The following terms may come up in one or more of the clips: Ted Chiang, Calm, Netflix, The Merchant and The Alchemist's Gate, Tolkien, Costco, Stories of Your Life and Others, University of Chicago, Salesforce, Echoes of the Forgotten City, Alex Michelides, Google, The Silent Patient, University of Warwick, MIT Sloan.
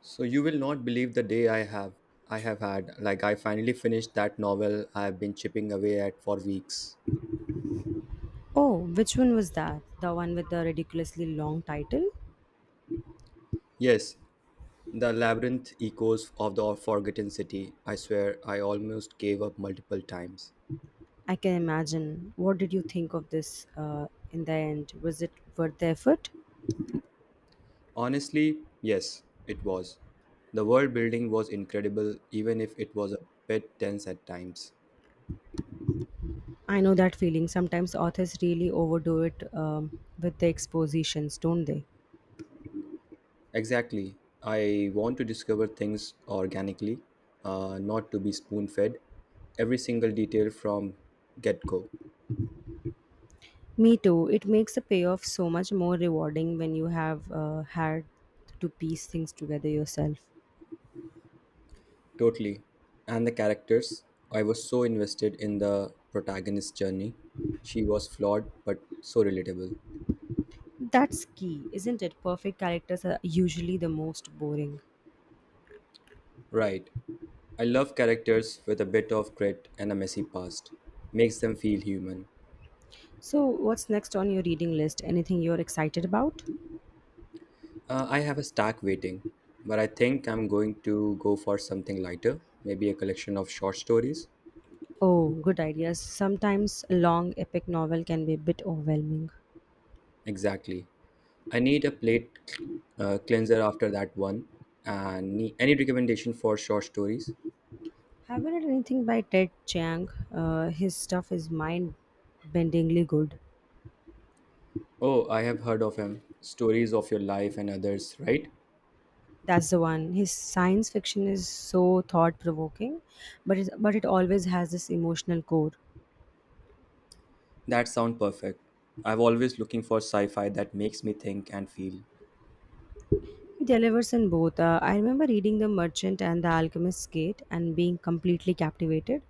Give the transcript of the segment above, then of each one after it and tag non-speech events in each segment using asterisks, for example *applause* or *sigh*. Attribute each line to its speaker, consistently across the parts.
Speaker 1: So you will not believe the day I have had. Like, I finally finished that novel I have been chipping away at for weeks.
Speaker 2: Oh, which one was that? The one with the ridiculously long title?
Speaker 1: Yes, the Labyrinth Echoes of the Forgotten City. I swear I almost gave up multiple times.
Speaker 2: I can imagine. What did you think of this in the end? Was it worth the effort?
Speaker 1: Honestly, yes, it was. The world building was incredible, even if it was a bit tense at times.
Speaker 2: I know that feeling. Sometimes authors really overdo it with the expositions, don't they?
Speaker 1: Exactly. I want to discover things organically, not to be spoon fed every single detail from get go.
Speaker 2: Me too. It makes the payoff so much more rewarding when you have had to piece things together yourself.
Speaker 1: Totally. And the characters. I was so invested in the protagonist's journey. She was flawed, but so relatable.
Speaker 2: That's key, isn't it? Perfect characters are usually the most boring.
Speaker 1: Right. I love characters with a bit of grit and a messy past. Makes them feel human.
Speaker 2: So, what's next on your reading list? Anything you're excited about?
Speaker 1: I have a stack waiting, but I think I'm going to go for something lighter, maybe a collection of short stories.
Speaker 2: Oh, good ideas. Sometimes a long epic novel can be a bit overwhelming.
Speaker 1: Exactly. I need a plate cleanser after that one. And any recommendation for short stories?
Speaker 2: Have you read anything by Ted Chiang? His stuff is mind bendingly good.
Speaker 1: Oh, I have heard of him. Stories of Your Life and Others, right?
Speaker 2: That's the one. His science fiction is so thought provoking, but it always has this emotional core.
Speaker 1: That sound perfect. I am always looking for sci-fi that makes me think and feel.
Speaker 2: He delivers in both. I remember reading The Merchant and The Alchemist's Gate and being completely captivated.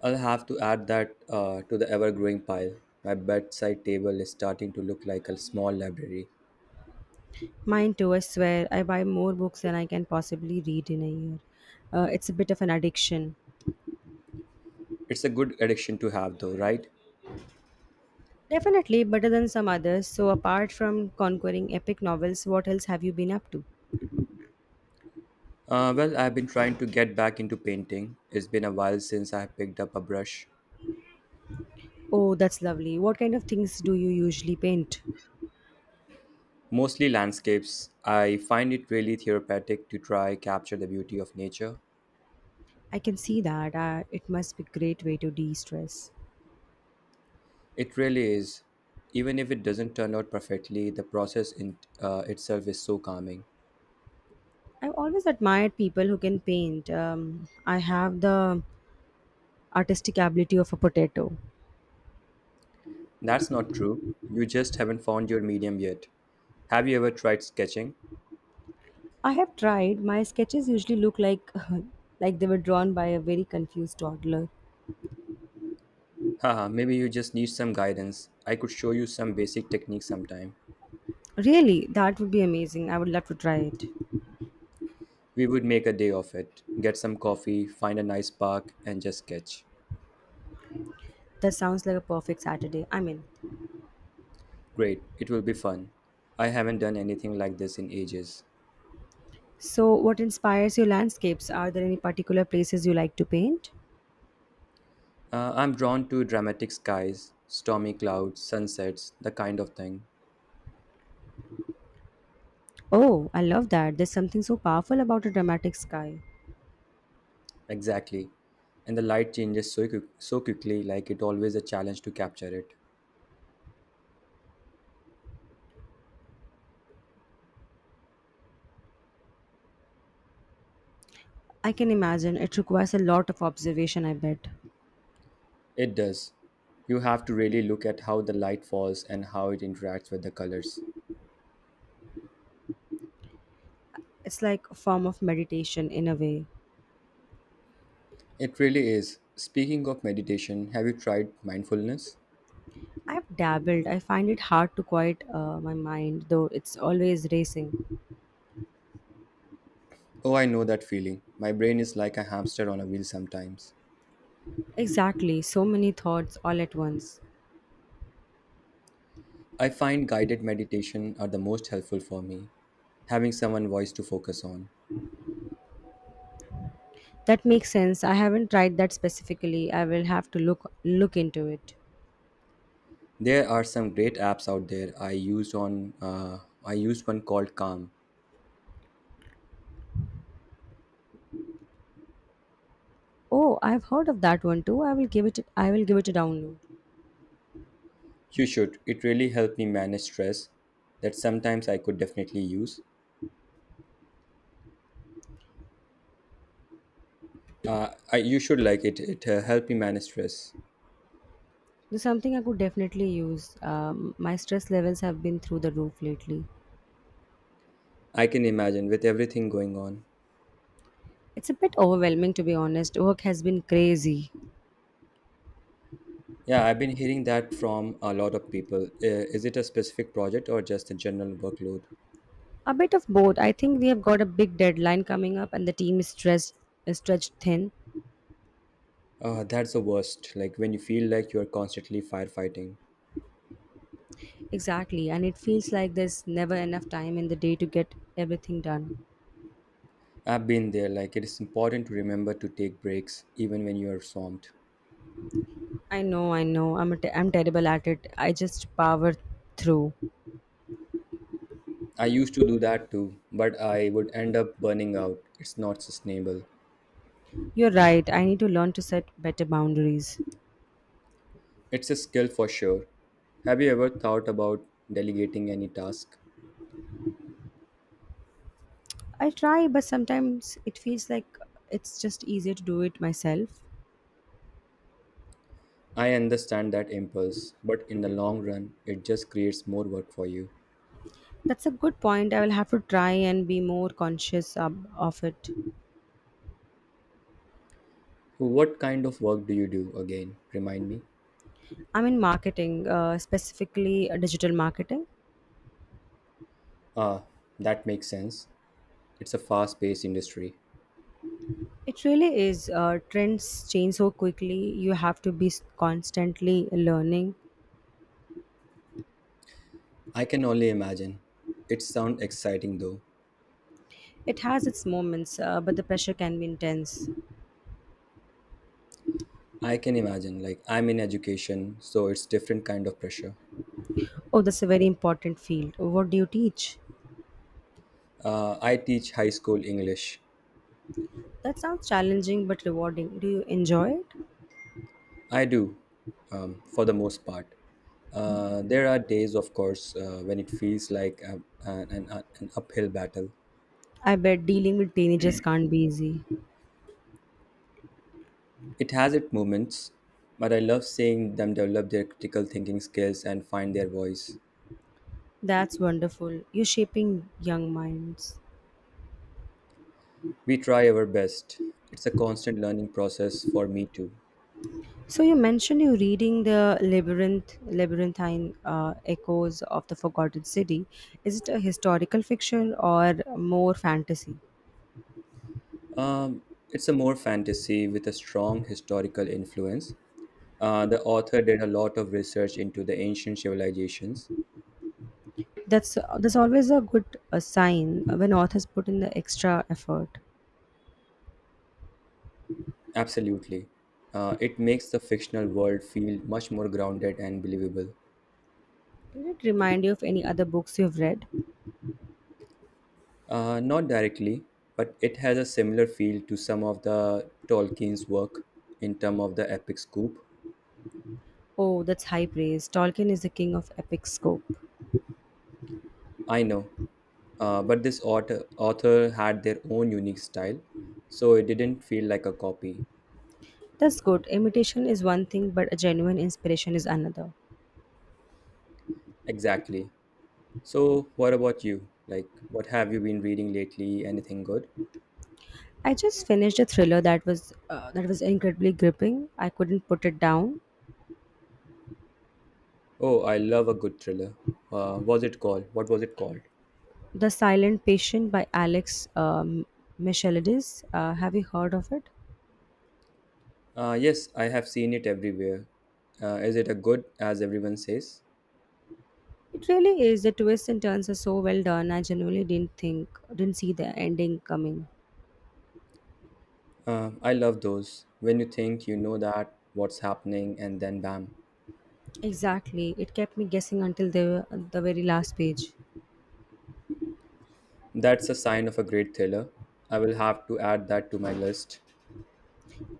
Speaker 1: I'll have to add that to the ever-growing pile. My bedside table is starting to look like a small library.
Speaker 2: Mine too, I swear. I buy more books than I can possibly read in a year. It's a bit of an addiction.
Speaker 1: It's a good addiction to have, though, right?
Speaker 2: Definitely better than some others. So, apart from conquering epic novels, what else have you been up to?
Speaker 1: Well, I've been trying to get back into painting. It's been a while since I have picked up a brush.
Speaker 2: Oh, that's lovely. What kind of things do you usually paint?
Speaker 1: Mostly landscapes. I find it really therapeutic to try capture the beauty of nature.
Speaker 2: I can see that. It must be a great way to de stress.
Speaker 1: It really is. Even if it doesn't turn out perfectly, the process in itself is so calming.
Speaker 2: I've always admired people who can paint. I have the artistic ability of a potato.
Speaker 1: That's not true. You just haven't found your medium yet. Have you ever tried sketching?
Speaker 2: I have tried. My sketches usually look like *laughs* like they were drawn by a very confused toddler.
Speaker 1: Haha, maybe you just need some guidance. I could show you some basic techniques sometime.
Speaker 2: Really, that would be amazing. I would love to try it.
Speaker 1: We would make a day of it. Get some coffee, find a nice park, and just sketch.
Speaker 2: That sounds like a perfect Saturday. I'm in.
Speaker 1: Great, it will be fun. I haven't done anything like this in ages.
Speaker 2: So, what inspires your landscapes? Are there any particular places you like to paint?
Speaker 1: I'm drawn to dramatic skies, stormy clouds, sunsets, the kind of thing.
Speaker 2: Oh, I love that. There's something so powerful about a dramatic sky.
Speaker 1: Exactly. And the light changes so quickly, like it always a challenge to capture it.
Speaker 2: I can imagine it requires a lot of observation, I bet.
Speaker 1: It does. You have to really look at how the light falls and how it interacts with the colors.
Speaker 2: It's like a form of meditation in a way.
Speaker 1: It really is. Speaking of meditation, have you tried mindfulness?
Speaker 2: I've dabbled. I find it hard to quiet my mind, though it's always racing.
Speaker 1: Oh, I know that feeling. My brain is like a hamster on a wheel sometimes.
Speaker 2: Exactly, so many thoughts all at once.
Speaker 1: I find guided meditation are the most helpful for me, having someone voice to focus on.
Speaker 2: That makes sense. I haven't tried that specifically. I will have to look into it.
Speaker 1: There are some great apps out there. I used one called Calm.
Speaker 2: Oh, I've heard of that one too. I will give it I will give it a download.
Speaker 1: You should. It really helped me manage stress that sometimes I could definitely use. You should like it. It helped me manage stress.
Speaker 2: There's something I could definitely use. My stress levels have been through the roof lately.
Speaker 1: I can imagine with everything going on.
Speaker 2: It's a bit overwhelming to be honest. Work has been crazy.
Speaker 1: Yeah, I've been hearing that from a lot of people. Is it a specific project or just a general workload?
Speaker 2: A bit of both. I think we have got a big deadline coming up and the team is stretched thin.
Speaker 1: That's the worst. Like when you feel like you're constantly firefighting.
Speaker 2: Exactly. And it feels like there's never enough time in the day to get everything done.
Speaker 1: I've been there. Like, it is important to remember to take breaks even when you are swamped.
Speaker 2: I know. I'm terrible at it. I just power through.
Speaker 1: I used to do that too, but I would end up burning out. It's not sustainable.
Speaker 2: You're right. I need to learn to set better boundaries.
Speaker 1: It's a skill for sure. Have you ever thought about delegating any task?
Speaker 2: I try, but sometimes it feels like it's just easier to do it myself.
Speaker 1: I understand that impulse, but in the long run, it just creates more work for you.
Speaker 2: That's a good point. I will have to try and be more conscious of it.
Speaker 1: What kind of work do you do again? Remind me.
Speaker 2: I'm in marketing, specifically digital marketing.
Speaker 1: Ah, that makes sense. It's a fast paced industry.
Speaker 2: It really is. Trends change so quickly. You have to constantly learning.
Speaker 1: I can only imagine. It sounds exciting though.
Speaker 2: It has its moments, but the pressure can be intense.
Speaker 1: I can imagine, like, I'm in education, so it's different kind of pressure.
Speaker 2: Oh, that's a very important field. What do you teach?
Speaker 1: I teach high school English.
Speaker 2: That sounds challenging but rewarding. Do you enjoy it?
Speaker 1: I do, for the most part. There are days, of course, when it feels like an uphill battle.
Speaker 2: I bet dealing with teenagers can't be easy.
Speaker 1: It has its moments, but I love seeing them develop their critical thinking skills and find their voice.
Speaker 2: That's wonderful. You're shaping young minds.
Speaker 1: We try our best. It's a constant learning process for me too.
Speaker 2: So you mentioned you're reading the labyrinthine echoes of the Forgotten City. Is it a historical fiction or more fantasy?
Speaker 1: Um, it's a more fantasy with a strong historical influence. The author did a lot of research into the ancient civilizations.
Speaker 2: That's always a good sign when authors put in the extra effort.
Speaker 1: Absolutely. It makes the fictional world feel much more grounded and believable.
Speaker 2: Did it remind you of any other books you've read?
Speaker 1: Not directly, but it has a similar feel to some of the Tolkien's work in terms of the epic scoop.
Speaker 2: Oh, that's high praise. Tolkien is the king of epic scope.
Speaker 1: I know, but this author had their own unique style, so it didn't feel like a copy.
Speaker 2: That's good. Imitation is one thing, but a genuine inspiration is another.
Speaker 1: Exactly. So, what about you? Like, what have you been reading lately? Anything good?
Speaker 2: I just finished a thriller that was incredibly gripping. I couldn't put it down.
Speaker 1: Oh, I love a good thriller. Was it called? What was it called?
Speaker 2: The Silent Patient by Alex Michelides. Have you heard of it?
Speaker 1: Yes, I have seen it everywhere. Is it a good, as everyone says?
Speaker 2: It really is. The twists and turns are so well done. I genuinely didn't think, didn't see the ending coming.
Speaker 1: I love those. When you think you know that, what's happening, and then bam.
Speaker 2: Exactly. It kept me guessing until the very last page.
Speaker 1: That's a sign of a great thriller. I will have to add that to my list.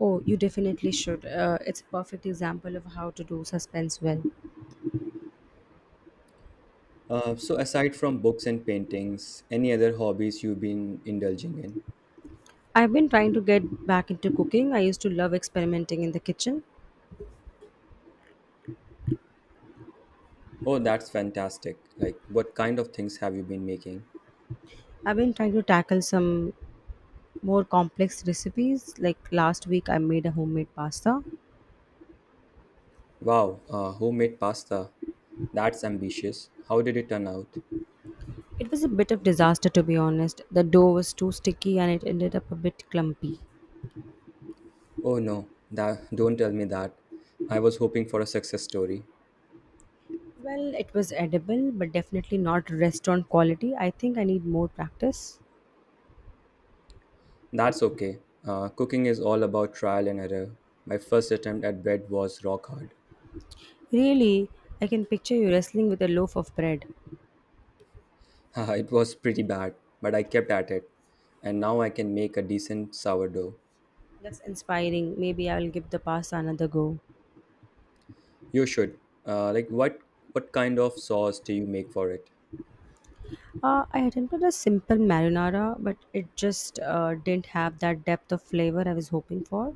Speaker 2: Oh, you definitely should. It's a perfect example of how to do suspense well.
Speaker 1: So, aside from books and paintings, any other hobbies you've been indulging in?
Speaker 2: I've been trying to get back into cooking. I used to love experimenting in the kitchen.
Speaker 1: Oh, that's fantastic. Like, what kind of things have you been making?
Speaker 2: I've been trying to tackle some more complex recipes. Like last week, I made a homemade pasta.
Speaker 1: Wow, homemade pasta. That's ambitious. How did it turn out?
Speaker 2: It was a bit of disaster to be honest. The dough was too sticky and it ended up a bit clumpy.
Speaker 1: Oh no, that, don't tell me that. I was hoping for a success story.
Speaker 2: Well, it was edible, but definitely not restaurant quality. I think I need more practice.
Speaker 1: That's okay. Cooking is all about trial and error. My first attempt at bread was rock hard.
Speaker 2: Really, I can picture you wrestling with a loaf of bread.
Speaker 1: *laughs* It was pretty bad, but I kept at it, and now I can make a decent sourdough.
Speaker 2: That's inspiring. Maybe I will give the pasta another go.
Speaker 1: You should. Like what? What kind of sauce do you make for it?
Speaker 2: I attempted a simple marinara, but it just didn't have that depth of flavor I was hoping for.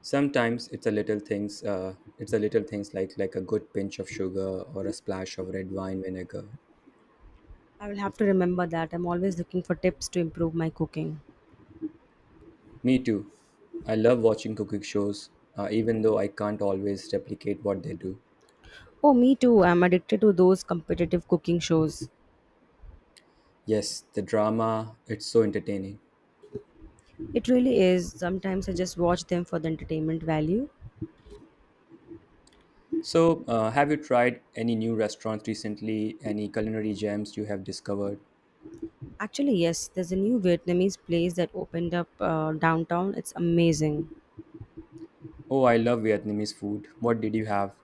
Speaker 1: Sometimes it's a little things. It's a little things like a good pinch of sugar or a splash of red wine vinegar.
Speaker 2: I will have to remember that. I'm always looking for tips to improve my cooking.
Speaker 1: Me too. I love watching cooking shows, even though I can't always replicate what they do.
Speaker 2: Oh, me too. I'm addicted to those competitive cooking shows.
Speaker 1: Yes, the drama, it's so entertaining.
Speaker 2: It really is. Sometimes I just watch them for the entertainment value.
Speaker 1: So, have you tried any new restaurants recently? Any culinary gems you have discovered?
Speaker 2: Actually, yes, there's a new Vietnamese place that opened up downtown. It's amazing.
Speaker 1: Oh, I love Vietnamese food. What did you have?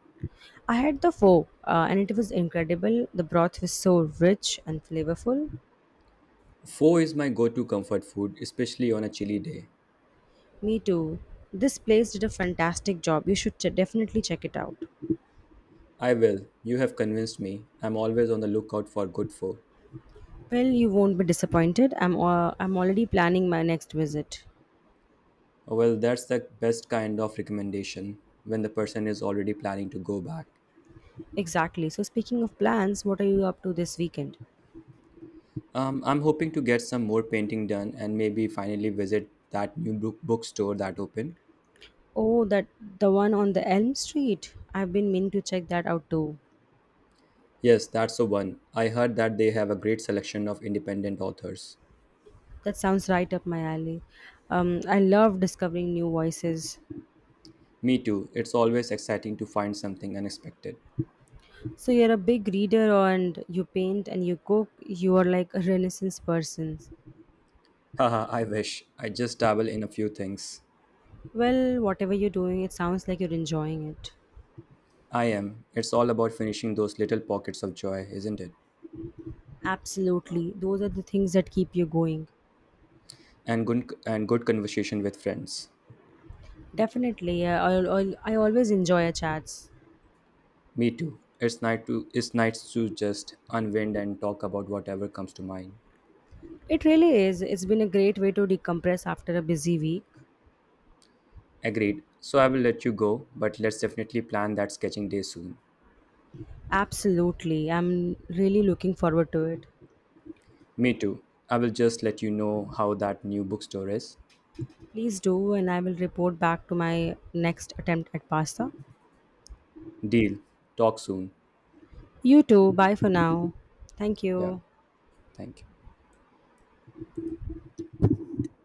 Speaker 2: I had the pho and it was incredible. The broth was so rich and flavorful.
Speaker 1: Pho is my go to comfort food, especially on a chilly day.
Speaker 2: Me too. This place did a fantastic job. You should definitely check it out.
Speaker 1: I will. You have convinced me. I'm always on the lookout for good pho.
Speaker 2: Well, you won't be disappointed. I'm already planning my next visit.
Speaker 1: Well, that's the best kind of recommendation when the person is already planning to go back.
Speaker 2: Exactly. So speaking of plans, what are you up to this weekend?
Speaker 1: I'm hoping to get some more painting done and maybe finally visit that new bookstore that opened.
Speaker 2: Oh, that the one on the Elm Street. I've been meaning to check that out too.
Speaker 1: Yes, that's the one. I heard that they have a great selection of independent authors.
Speaker 2: That sounds right up my alley. I love discovering new voices.
Speaker 1: Me too. It's always exciting to find something unexpected.
Speaker 2: So you're a big reader and you paint and you cook. You are like a renaissance person.
Speaker 1: Haha, I wish. I just dabble in a few things.
Speaker 2: Well, whatever you're doing, it sounds like you're enjoying it.
Speaker 1: I am. It's all about finishing those little pockets of joy, isn't it?
Speaker 2: Absolutely. Those are the things that keep you going.
Speaker 1: And good conversation with friends.
Speaker 2: Definitely. I always enjoy a chats.
Speaker 1: Me too. It's nice to just unwind and talk about whatever comes to mind.
Speaker 2: It really is. It's been a great way to decompress after a busy week.
Speaker 1: Agreed. So I will let you go, but let's definitely plan that sketching day soon.
Speaker 2: Absolutely. I'm really looking forward to it.
Speaker 1: Me too. I will just let you know how that new bookstore is.
Speaker 2: Please do, and I will report back to my next attempt at pasta.
Speaker 1: Deal. Talk soon.
Speaker 2: You too. Bye for now. Thank
Speaker 1: Yeah.
Speaker 2: you.
Speaker 1: Thank you.